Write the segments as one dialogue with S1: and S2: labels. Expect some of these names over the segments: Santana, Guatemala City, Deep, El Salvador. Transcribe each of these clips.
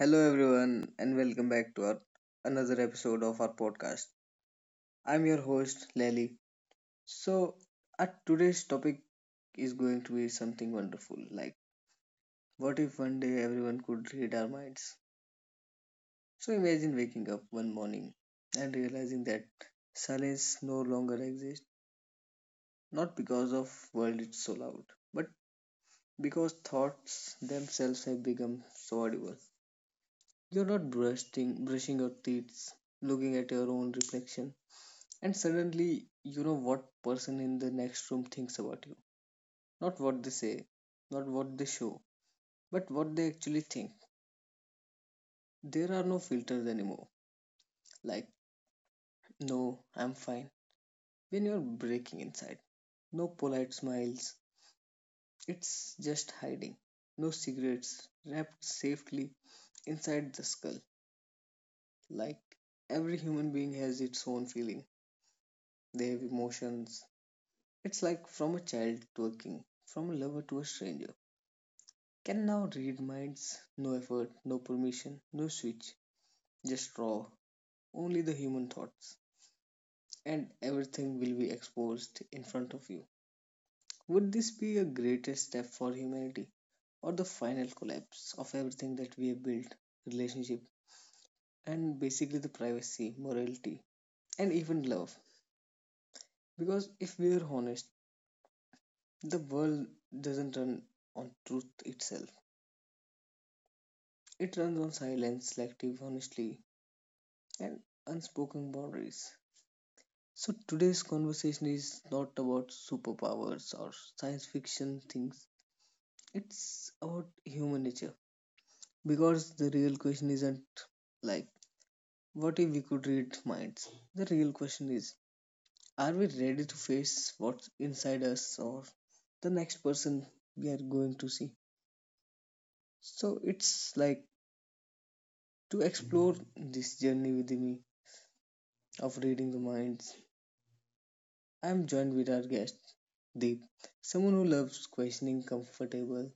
S1: Hello, everyone, and welcome back to our another episode of our podcast. I'm your host, Lely. So, our today's topic is going to be something wonderful. Like, what if one day everyone could read our minds? So, imagine waking up one morning and realizing that silence no longer exists, not because of world it's so loud, but because thoughts themselves have become so audible. You're not brushing your teeth, looking at your own reflection. And suddenly, you know what person in the next room thinks about you. Not what they say, not what they show, but what they actually think. There are no filters anymore. Like, no, I'm fine. When you're breaking inside, no polite smiles. It's just hiding. No cigarettes wrapped safely inside the skull. Like, every human being has its own feeling. They have emotions. It's like from a child to a king, from a lover to a stranger can now read minds, no effort, no permission, no switch, just raw, only the human thoughts, and everything will be exposed in front of you. Would this be a greatest step for humanity, or the final collapse of everything that we have built relationship, and basically the privacy, morality, and even love? Because if we are honest, the world doesn't run on truth itself, it runs on silence, selective honesty, and unspoken boundaries. So today's conversation is not about superpowers or science fiction things. It's about human nature. Because the real question isn't like what if we could read minds? The real question is, are we ready to face what's inside us or the next person we are going to see? So it's like to explore this journey with me of reading the minds. I'm joined with our guest Deep, someone who loves questioning comfortable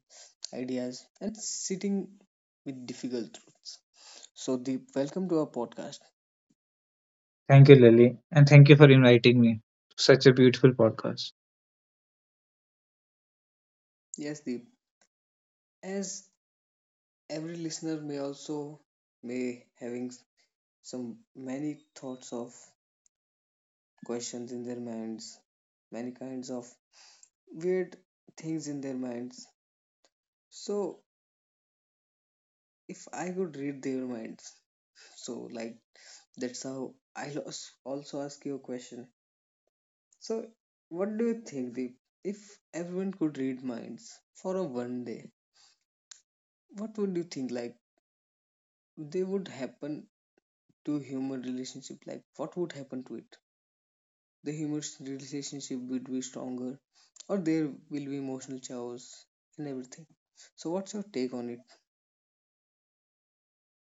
S1: ideas, and sitting with difficult truths. So, Deep, welcome to our podcast.
S2: Thank you, Lily, and thank you for inviting me to such a beautiful podcast.
S1: Yes, Deep, as every listener may also may having some many thoughts of questions in their minds, many kinds of weird things in their minds. So, if I could read their minds, so like that's how I also ask you a question. So, what do you think, Deep? If everyone could read minds for a one day, what would you think like they would happen to human relationship, like what would happen to it? The human relationship would be stronger or there will be emotional chaos and everything? So what's your take on it?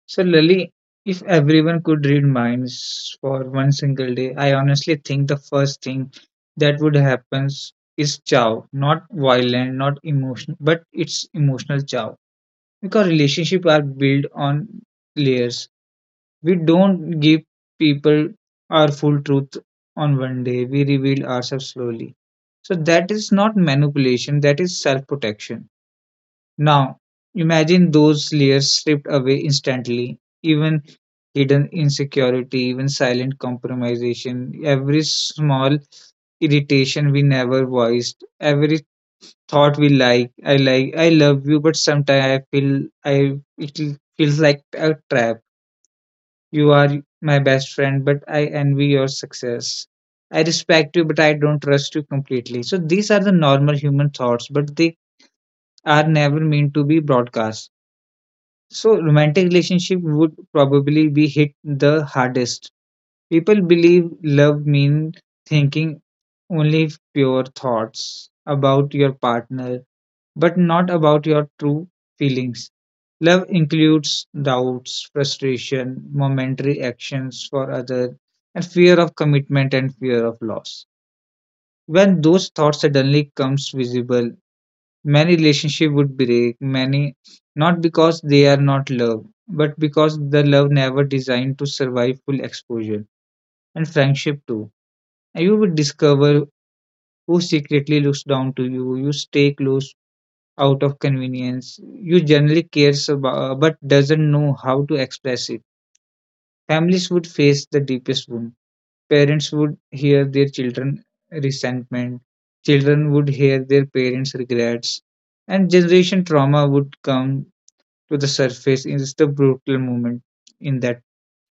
S2: So, Lily, if everyone could read minds for one single day, I honestly think the first thing that would happen is chow. Not violent, not emotional, but it's emotional chow. Because relationships are built on layers. We don't give people our full truth on one day, we reveal ourselves slowly. So, that is not manipulation, that is self protection. Now, imagine those layers stripped away instantly, even hidden insecurity, even silent compromisation, every small irritation we never voiced, every thought we like, I love you, but sometimes I feel I it l- feels like a trap. You are my best friend, but I envy your success. I respect you, but I don't trust you completely. So these are the normal human thoughts, but they are never meant to be broadcast. So romantic relationship would probably be hit the hardest. People believe love means thinking only pure thoughts about your partner, but not about your true feelings. Love includes doubts, frustration, momentary actions for other, and fear of commitment and fear of loss. When those thoughts suddenly comes visible, many relationships would break, many not because they are not loved, but because the love never designed to survive full exposure. And friendship too. And you would discover who secretly looks down to you. You stay close out of convenience. You generally cares about, but doesn't know how to express it. Families would face the deepest wound. Parents would hear their children resentment. Children would hear their parents regrets, and generation trauma would come to the surface is the brutal moment in that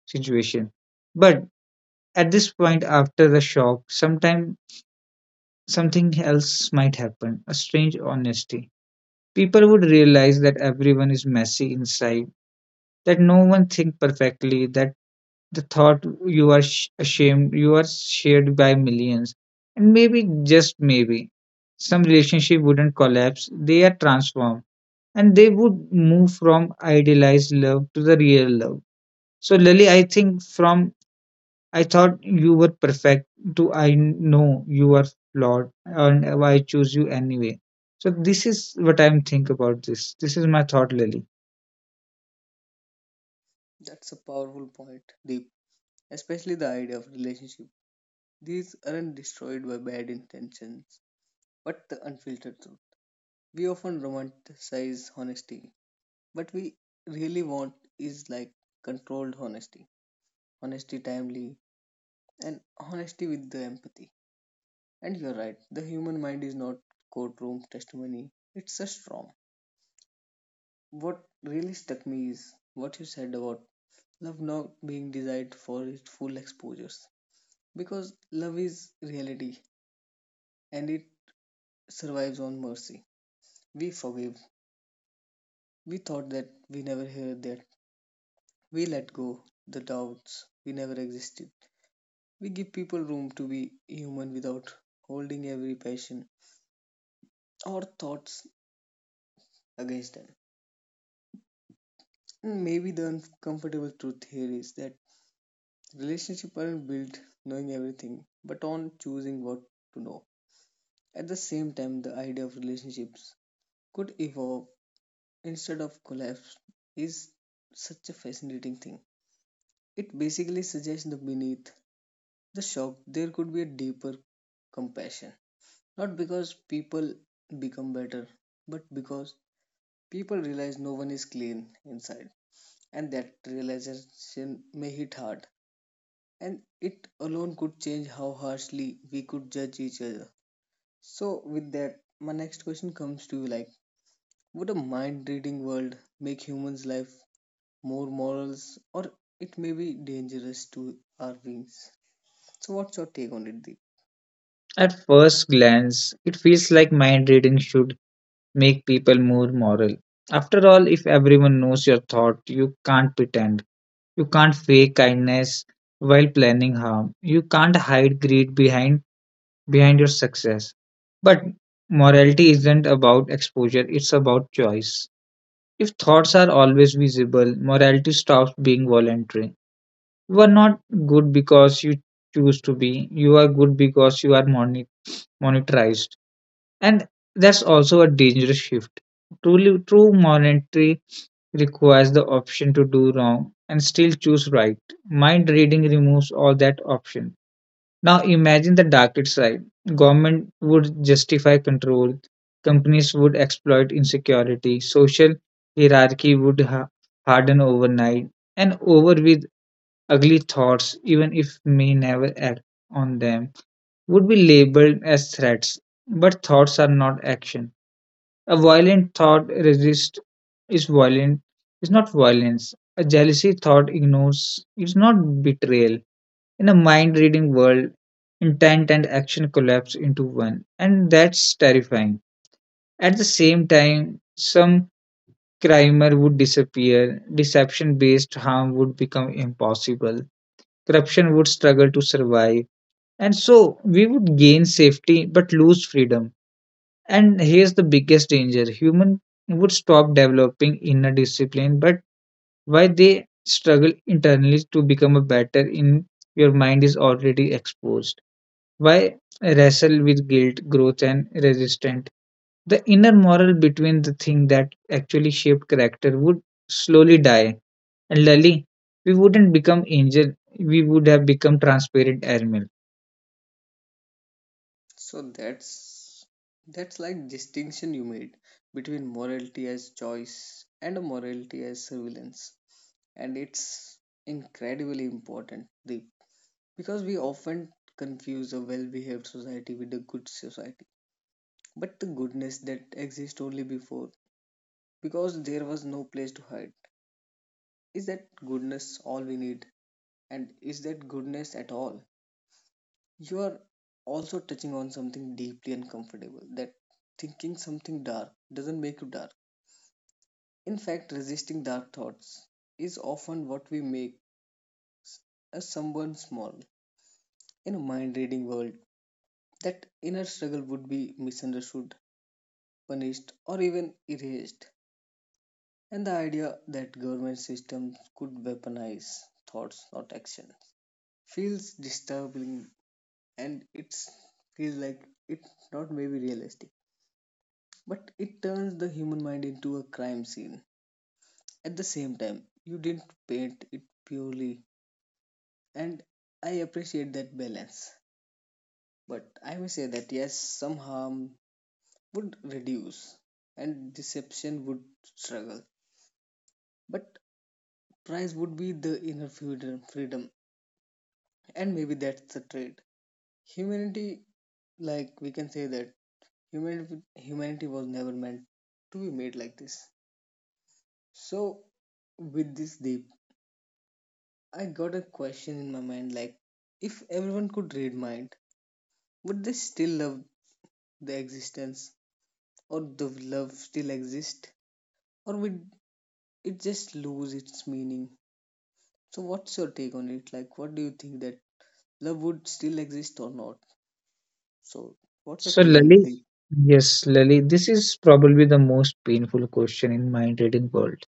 S2: situation. But at this point, after the shock, sometime something else might happen, a strange honesty. People would realize that everyone is messy inside, that no one thinks perfectly, that the thought you are ashamed, you are shared by millions. And maybe, just maybe, some relationship wouldn't collapse, they are transformed and they would move from idealized love to the real love. So Lily, I think from I thought you were perfect to I know you are flawed and I choose you anyway. So this is what I'm think about this. This is my thought, Lily.
S1: That's a powerful point, Deep, especially the idea of relationship. These aren't destroyed by bad intentions but the unfiltered truth. We often romanticize honesty, but we really want is like controlled honesty, honesty timely, and honesty with the empathy. And you're right, the human mind is not courtroom testimony, it's a storm. What really stuck me is what you said about love not being desired for its full exposures. Because love is reality and it survives on mercy. We forgive. We thought that we never heard that. We let go the doubts we never existed. We give people room to be human without holding every passion or thoughts against them. Maybe the uncomfortable truth here is that relationships aren't built knowing everything, but on choosing what to know. At the same time, the idea of relationships could evolve instead of collapse is such a fascinating thing. It basically suggests that beneath the shock there could be a deeper compassion. Not because people become better, but because people realize no one is clean inside, and that realization may hit hard and it alone could change how harshly we could judge each other. So, with that, my next question comes to you like, would a mind reading world make humans' life more morals or it may be dangerous to our beings? So, what's your take on it, Deep?
S2: At first glance, it feels like mind reading should make people more moral. After all, if everyone knows your thought, you can't pretend. You can't fake kindness while planning harm. You can't hide greed behind your success. But morality isn't about exposure, it's about choice. If thoughts are always visible, morality stops being voluntary. You are not good because you choose to be, you are good because you are monetized. And that's also a dangerous shift. Truly, true monetary requires the option to do wrong and still choose right. Mind reading removes all that option. Now imagine the darker side. Government would justify control, companies would exploit insecurity, social hierarchy would harden overnight, and over with ugly thoughts, even if may never act on them, would be labeled as threats. But thoughts are not action. A violent thought resist is violent is not violence. A jealousy thought ignores is not betrayal. In a mind reading world, intent and action collapse into one, and that's terrifying. At the same time, some crimer would disappear, deception based harm would become impossible, corruption would struggle to survive, and so we would gain safety but lose freedom. And here's the biggest danger, human would stop developing inner discipline, but why they struggle internally to become a better in your mind is already exposed. Why wrestle with guilt, growth, and resistance? The inner moral between the thing that actually shaped character would slowly die, and Lali, we wouldn't become angel, we would have become transparent animal.
S1: So, that's like distinction you made between morality as choice and a morality as surveillance, and it's incredibly important, Deep, because we often confuse a well behaved society with a good society. But the goodness that exists only before, because there was no place to hide. Is that goodness all we need? And is that goodness at all? You are also touching on something deeply uncomfortable, that thinking something dark doesn't make you dark. In fact, resisting dark thoughts is often what we make as someone small. In a mind reading world, that inner struggle would be misunderstood, punished, or even erased, and the idea that government systems could weaponize thoughts, not actions, feels disturbing and it feels like it's not maybe realistic, but it turns the human mind into a crime scene. At the same time, you didn't paint it purely, and I appreciate that balance. But I may say that yes, some harm would reduce and deception would struggle. But price would be the inner freedom, freedom, and maybe that's the trade. Humanity, like we can say that humanity, humanity was never meant to be made like this. So, with this Deep, I got a question in my mind like, if everyone could read mind, would they still love the existence, or the love still exist, or would it just lose its meaning? So, what's your take on it? Like, what do you think that love would still exist or not? So, what's your
S2: So
S1: take on it,
S2: Lali,
S1: Deep?
S2: yes, Lali, this is probably the most painful question in mind reading world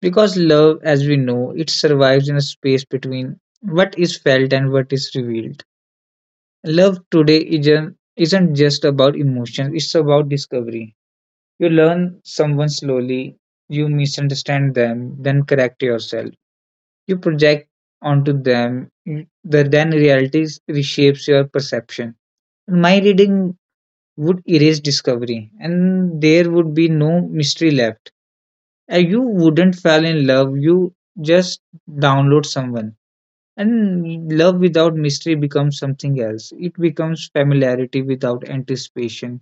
S2: because love, as we know, it survives in a space between what is felt and what is revealed. Love today isn't just about emotions; it's about discovery. You learn someone slowly, you misunderstand them, then correct yourself. You project onto them, then reality reshapes your perception. My reading would erase discovery, and there would be no mystery left. And you wouldn't fall in love, you just download someone. And love without mystery becomes something else. It becomes familiarity without anticipation,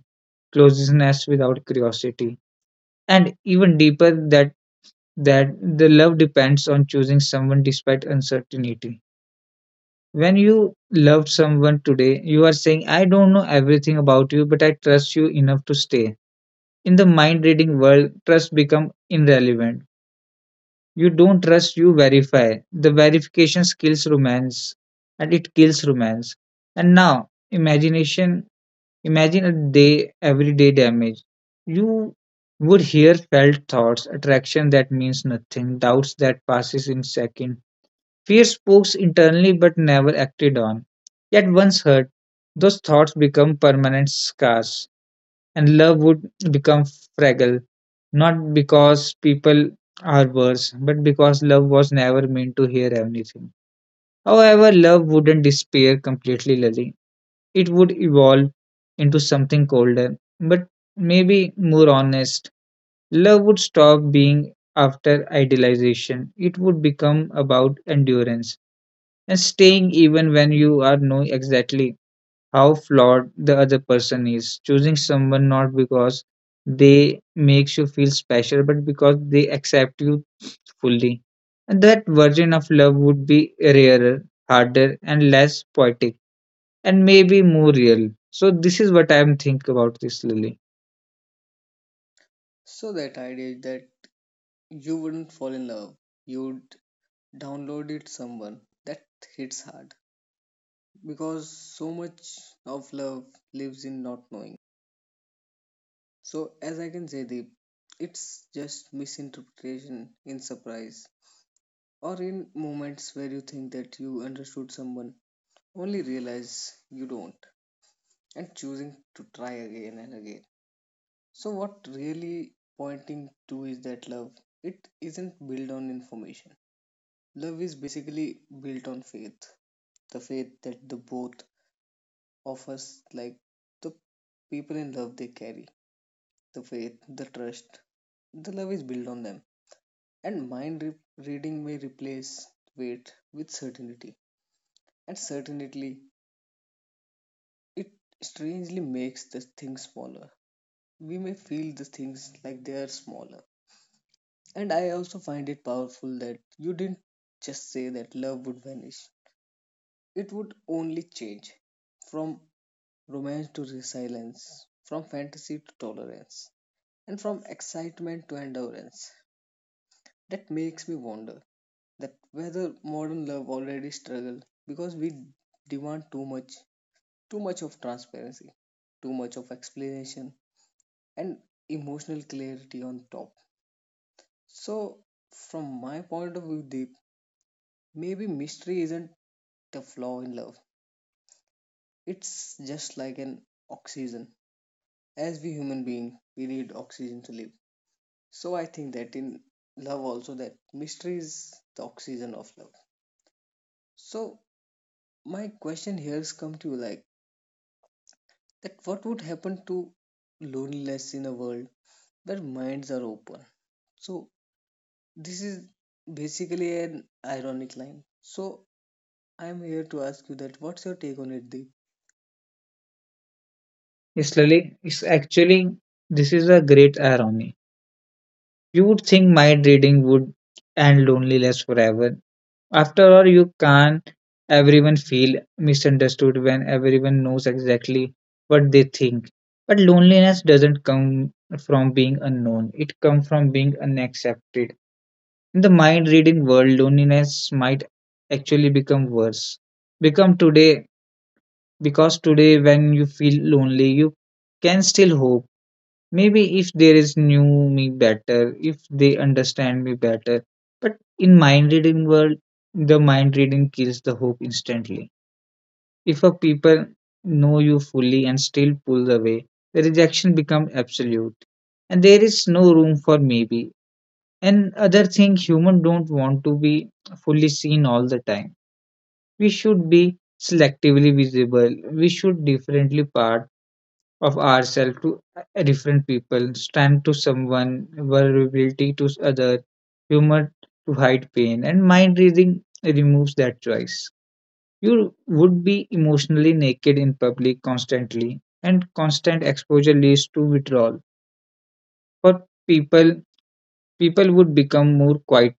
S2: closeness without curiosity, and even deeper that the love depends on choosing someone despite uncertainty. When you love someone today, you are saying, I don't know everything about you, but I trust you enough to stay. In the mind reading world, trust becomes irrelevant. You don't trust, you verify. The verification kills romance and it kills romance. And now, imagination imagine a day, everyday damage. You would hear felt thoughts, attraction that means nothing, doubts that passes in seconds. Fear spokes internally but never acted on. Yet once hurt, those thoughts become permanent scars, and love would become fragile, not because people are worse, but because love was never meant to hear anything. However, love wouldn't disappear completely, Lily. It would evolve into something colder, but maybe more honest. Love would stop being after idealization, it would become about endurance and staying even when you are know exactly how flawed the other person is, choosing someone not because they makes you feel special but because they accept you fully, and that version of love would be rarer, harder and less poetic and maybe more real. So this is what I am think about this, Lily.
S1: So, that idea is that you wouldn't fall in love, you'd download it someone that hits hard because so much of love lives in not knowing. So, as I can say, Deep, it's just misinterpretation in surprise or in moments where you think that you understood someone, only realize you don't, and choosing to try again and again. So what really pointing to is that love it isn't built on information. Love is basically built on faith. The faith that the both of us like the people in love they carry. The faith, the trust, the love is built on them. And mind reading may replace weight with certainty. And certainty it strangely makes the things smaller. We may feel the things like they are smaller. And I also find it powerful that you didn't just say that love would vanish, it would only change from romance to resilience, from fantasy to tolerance, and from excitement to endurance. That makes me wonder that whether modern love already struggle because we demand too much of transparency, too much of explanation, and emotional clarity on top. So, from my point of view, Deep, maybe mystery isn't a flaw in love. It's just like an oxygen. As we human being, we need oxygen to live. So I think that in love also that mystery is the oxygen of love. So my question here is come to you like that what would happen to loneliness in a world where minds are open? So this is basically an ironic line. So I'm here to ask you that what's your take on it, Deep?
S2: Yes Lily, it's actually this is a great irony. You would think mind reading would end loneliness forever. After all, you can everyone feel misunderstood when everyone knows exactly what they think. But loneliness doesn't come from being unknown, it comes from being unaccepted. In the mind reading world, loneliness might actually become worse. Become today because today when you feel lonely, you can still hope. Maybe if there is new me better, if they understand me better. But in mind reading world, the mind reading kills the hope instantly. If a people know you fully and still pull away, the rejection becomes absolute. And there is no room for maybe. And other thing human don't want to be fully seen all the time. We should be selectively visible. We should differently part of ourselves to a different people, strength to someone, vulnerability to other, humor to hide pain, and mind reading removes that choice. You would be emotionally naked in public constantly, and constant exposure leads to withdrawal. For people, people would become more quiet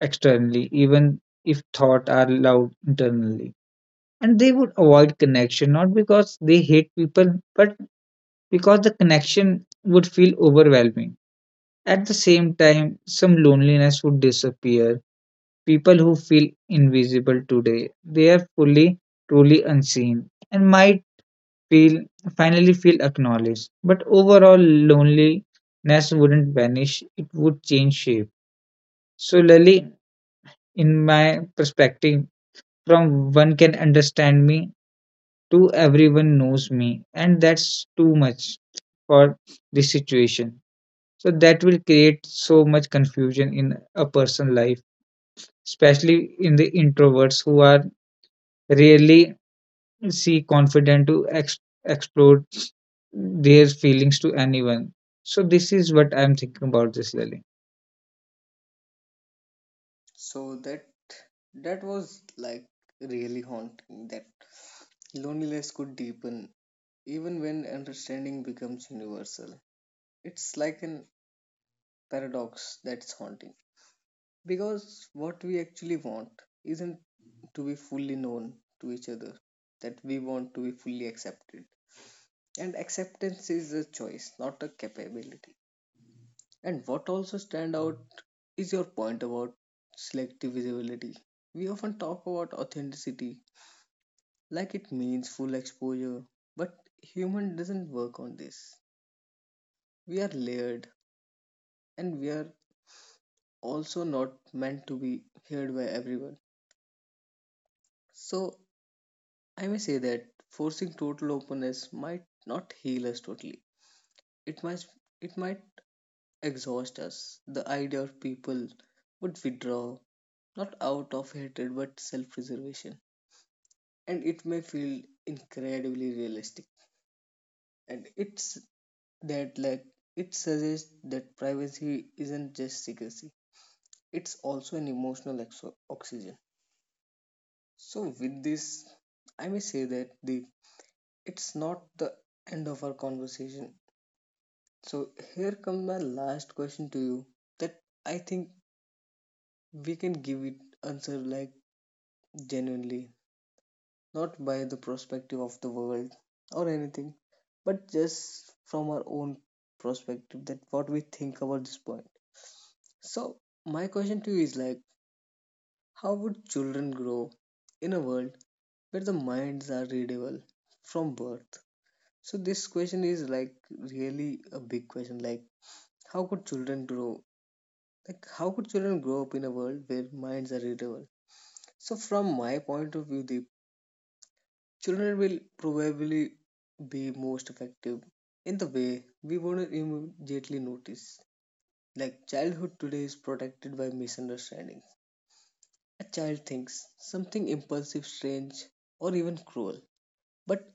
S2: externally, even if thoughts are loud internally. And they would avoid connection not because they hate people, but because the connection would feel overwhelming. At the same time, some loneliness would disappear. People who feel invisible today, they are fully, truly unseen and might feel finally feel acknowledged. But overall, loneliness wouldn't vanish, it would change shape. So, Lily, in my perspective, from one can understand me to everyone knows me, and that's too much for this situation. So that will create so much confusion in a person's life, especially in the introverts who are rarely see confident to explore their feelings to anyone. So this is what I'm thinking about this, Lily.
S1: So that was like really haunting that loneliness could deepen even when understanding becomes universal. It's like an paradox that's haunting because what we actually want isn't to be fully known to each other, that we want to be fully accepted. And acceptance is a choice, not a capability. And what also stand out is your point about selective visibility. We often talk about authenticity like it means full exposure. But human doesn't work on this. We are layered and we are also not meant to be heard by everyone. So I may say that forcing total openness might not heal us totally. It might it might exhaust us. The idea of people would withdraw, not out of hatred but self preservation. And it may feel incredibly realistic. And it's that like it suggests that privacy isn't just secrecy, it's also an emotional oxygen. So with this I may say that the it's not the end of our conversation. So here comes my last question to you that I think we can give it answer like genuinely, not by the perspective of the world or anything but just from our own perspective, that what we think about this point. So my question to you is like, how would children grow in a world where the minds are readable from birth? So this question is like really a big question. Like how could children grow? Like how could children grow up in a world where minds are readable? So from my point of view, the children will probably be most effective in the way we wouldn't immediately notice. Like childhood today is protected by misunderstanding. A child thinks something impulsive, strange, or even cruel. But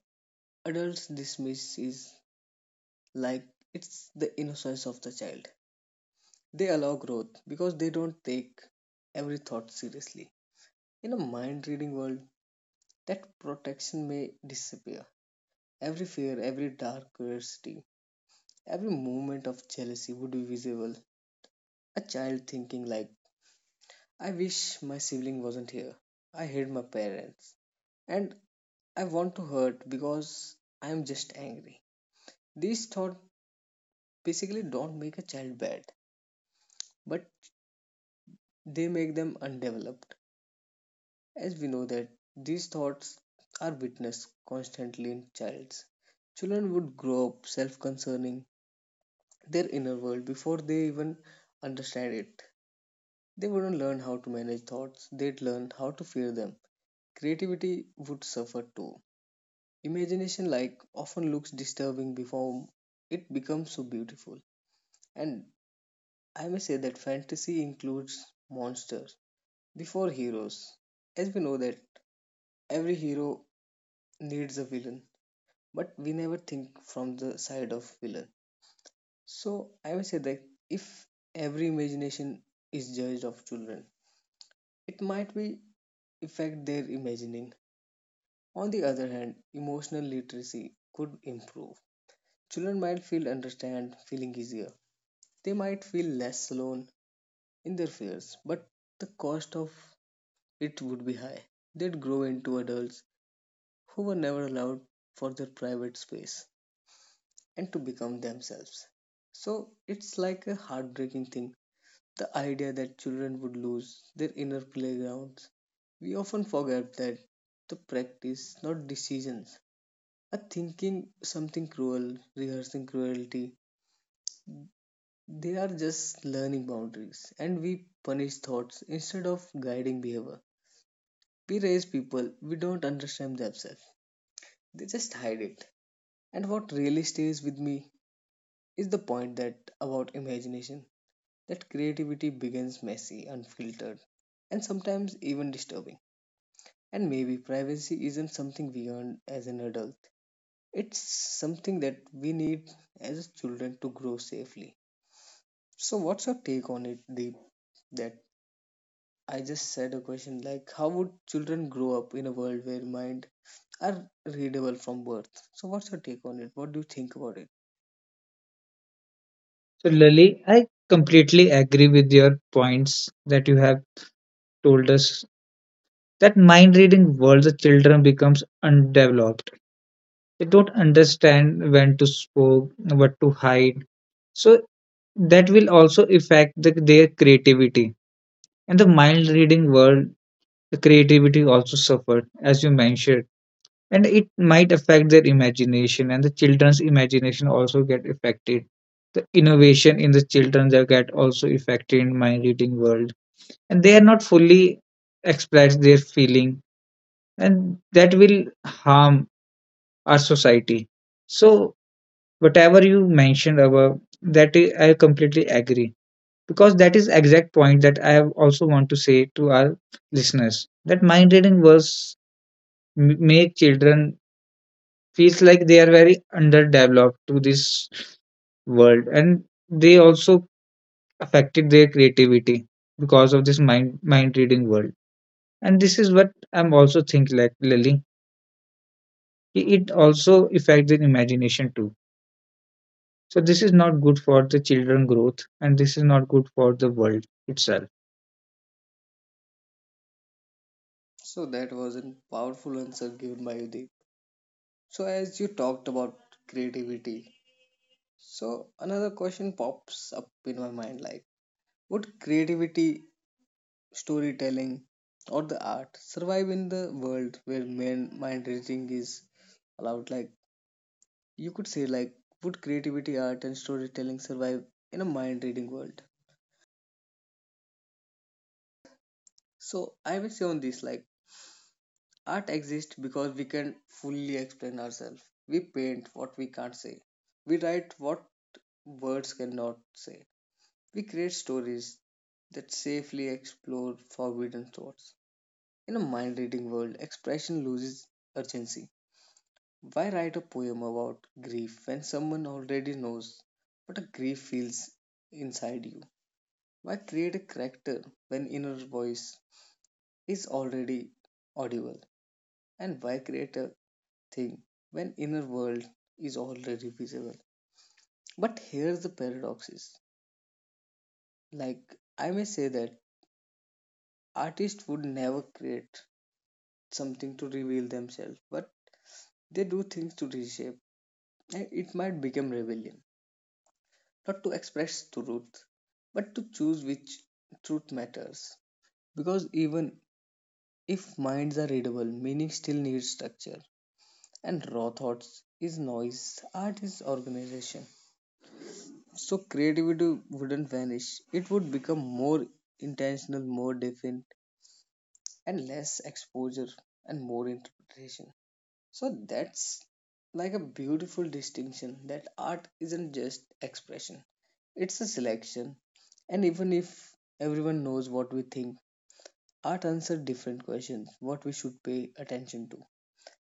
S1: adults dismiss is like it's the innocence of the child. They allow growth because they don't take every thought seriously. In a mind reading world, that protection may disappear. Every fear, every dark curiosity, every moment of jealousy would be visible. A child thinking like, I wish my sibling wasn't here. I hate my parents. And I want to hurt because I am just angry. These thoughts basically don't make a child bad, but they make them undeveloped, as we know that these thoughts are witnessed constantly in childs. Children would grow up self concerning their inner world before they even understand it. They wouldn't learn how to manage thoughts, they'd learn how to fear them. Creativity would suffer too. Imagination, often looks disturbing before it becomes so beautiful. And I may say that fantasy includes monsters before heroes, as we know that every hero needs a villain, but we never think from the side of villain. So I will say that if every imagination is judged of children, it might be affect their imagining. On the other hand, emotional literacy could improve. Children might feel understand, feeling easier. They might feel less alone in their fears, but the cost of it would be high. They'd grow into adults who were never allowed for their private space and to become themselves. So it's like a heartbreaking thing, the idea that children would lose their inner playgrounds. We often forget that the practice, not decisions, are thinking something cruel, rehearsing cruelty. They are just learning boundaries, and we punish thoughts instead of guiding behavior. We raise people, we don't understand themselves, they just hide it. And what really stays with me is the point that about imagination, that creativity becomes messy, unfiltered, and sometimes even disturbing. And maybe privacy isn't something we earn as an adult, it's something that we need as children to grow safely. So, what's your take on it, Deep? That I just said a question like, how would children grow up in a world where mind are readable from birth? So, what's your take on it? What do you think about it?
S2: So Lily, I completely agree with your points that you have told us that mind reading world the children becomes undeveloped. They don't understand when to spoke, what to hide. So that will also affect the, their creativity, and the mind reading world the creativity also suffered as you mentioned, and it might affect their imagination and the children's imagination also get affected, the innovation in the children that get also affected in mind reading world, and they are not fully express their feeling, and that will harm our society. So whatever you mentioned above that I completely agree because that is exact point that I have also want to say to our listeners that mind reading was make children feels like they are very underdeveloped to this world and they also affected their creativity because of this mind reading world, and this is what I'm also thinking like Lily, it also affects their imagination too. So this is not good for the children growth and this is not good for the world itself.
S1: So, that was a powerful answer given by you, Deep. So, as you talked about creativity, so another question pops up in my mind, like would creativity, storytelling or the art survive in the world where main mind reading is allowed? Like you could say, like would creativity, art and storytelling survive in a mind reading world? So I will say on this, like art exists because we can fully explain ourselves. We paint what we can't say. We write what words cannot say. We create stories that safely explore forbidden thoughts. In a mind reading world, expression loses urgency. Why write a poem about grief when someone already knows what a grief feels inside you? Why create a character when inner voice is already audible? And why create a thing when inner world is already visible? But here's the paradoxes. Like I may say that artists would never create something to reveal themselves, but they do things to reshape, and it might become rebellion, not to express truth, but to choose which truth matters. Because even if minds are readable, meaning still needs structure, and raw thoughts is noise, art is organization. So creativity wouldn't vanish, it would become more intentional, more defined, and less exposure and more interpretation. So that's like a beautiful distinction that art isn't just expression, it's a selection. And even if everyone knows what we think, art answers different questions, what we should pay attention to.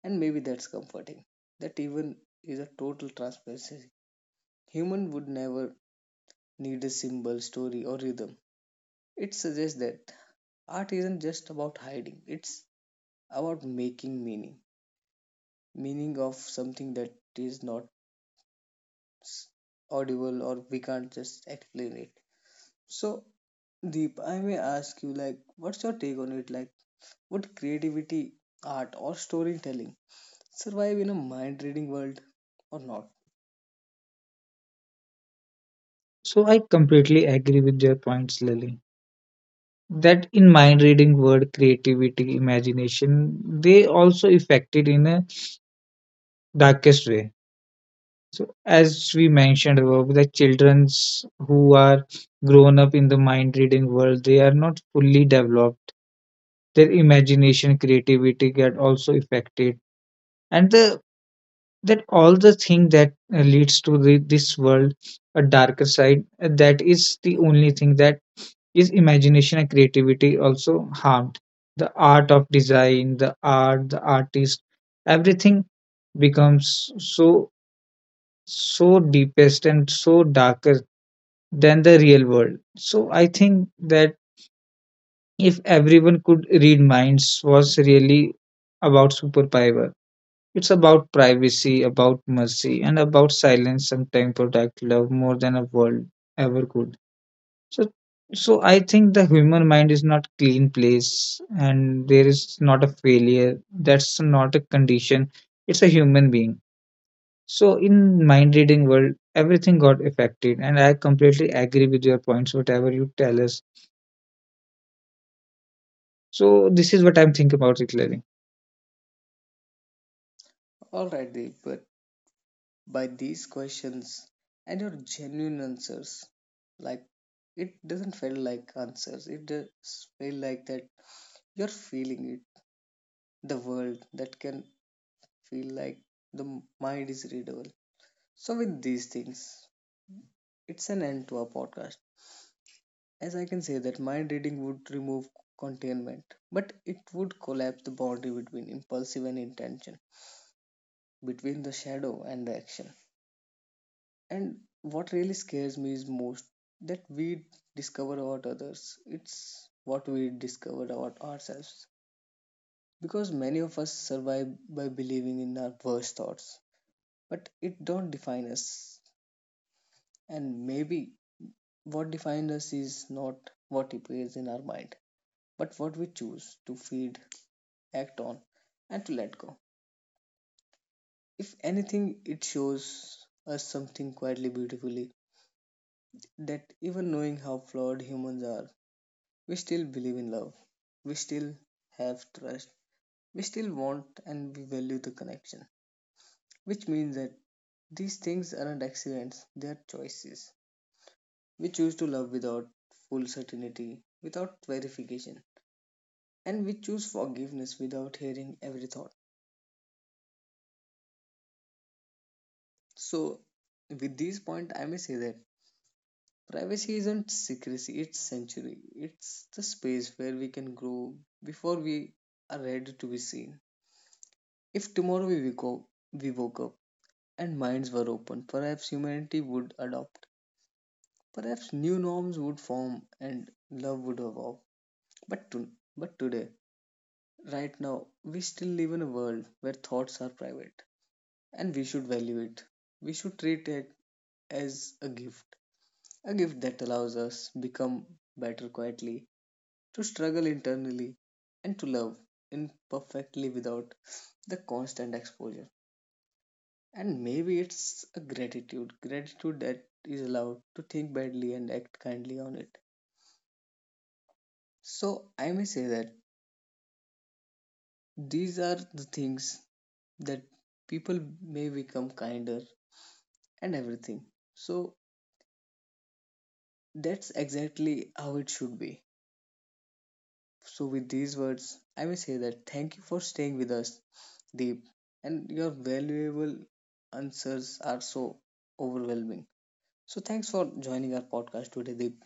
S1: And maybe that's comforting. That even is a total transparency. Human would never need a symbol, story, or rhythm. It suggests that art isn't just about hiding, it's about making meaning. Meaning of something that is not audible or we can't just explain it. So, Deep, I may ask you, what's your take on it? Would creativity, art, or storytelling survive in a mind reading world or not?
S2: So I completely agree with your points Lily, that in mind reading word creativity imagination they also affected in a darkest way. So as we mentioned above the children's who are grown up in the mind reading world, they are not fully developed their imagination creativity get also affected and the that all the thing that leads to this world a darker side, that is the only thing, that is imagination and creativity also harmed the art of design the art the artist everything becomes so so deepest and so darker than the real world. So I think that if everyone could read minds was really about superpower, it's about privacy, about mercy, and about silence sometimes protect love more than a world ever could. So so I think the human mind is not clean place and there is not a failure. That's not a condition. It's a human being. So in mind reading world, everything got affected and I completely agree with your points, whatever you tell us. So this is what I'm thinking about it, Larry.
S1: Alright, Deep, but by these questions and your genuine answers, like, it doesn't feel like answers, it just feel like that you're feeling it, the world that can feel like the mind is readable. So, with these things, it's an end to our podcast, as I can say that mind reading would remove containment, but it would collapse the boundary between impulsive and intention, between the shadow and the action. And what really scares me is most that we discover about others. It's what we discover about ourselves. Because many of us survive by believing in our worst thoughts, but it don't define us. And maybe what defines us is not what appears in our mind, but what we choose to feed act on, and to let go. If anything, it shows us something quietly beautifully that even knowing how flawed humans are, we still believe in love, we still have trust, we still want and we value the connection, which means that these things aren't accidents, they are choices. We choose to love without full certainty, without verification, and we choose forgiveness without hearing every thought. So, with this point, I may say that privacy isn't secrecy, it's sanctuary. It's the space where we can grow before we are ready to be seen. If tomorrow we woke up, we woke up and minds were open, perhaps humanity would adopt. Perhaps new norms would form and love would evolve. But, but today, right now, we still live in a world where thoughts are private and we should value it. We should treat it as a gift that allows us become better quietly to struggle internally and to love imperfectly without the constant exposure. And maybe it's a gratitude, gratitude that is allowed to think badly and act kindly on it. So I may say that these are the things that people may become kinder and everything. So that's exactly how it should be. So, with these words, I will say that thank you for staying with us, Deep, and your valuable answers are so overwhelming. So, thanks for joining our podcast today, Deep.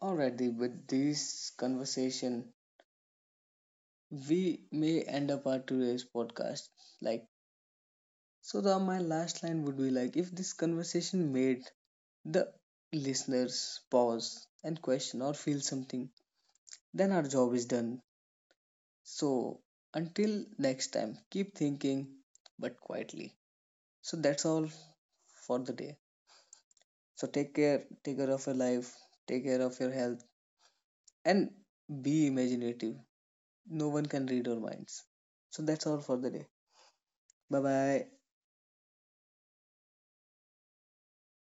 S1: All right, Deep, with this conversation, we may end up our today's podcast. Like, so my last line would be like, if this conversation made the listeners pause and question or feel something, then our job is done. So, until next time, keep thinking but quietly. So, that's all for the day. So, take care of your life, take care of your health, and be imaginative. No one can read our minds. So, that's all for the day. Bye bye.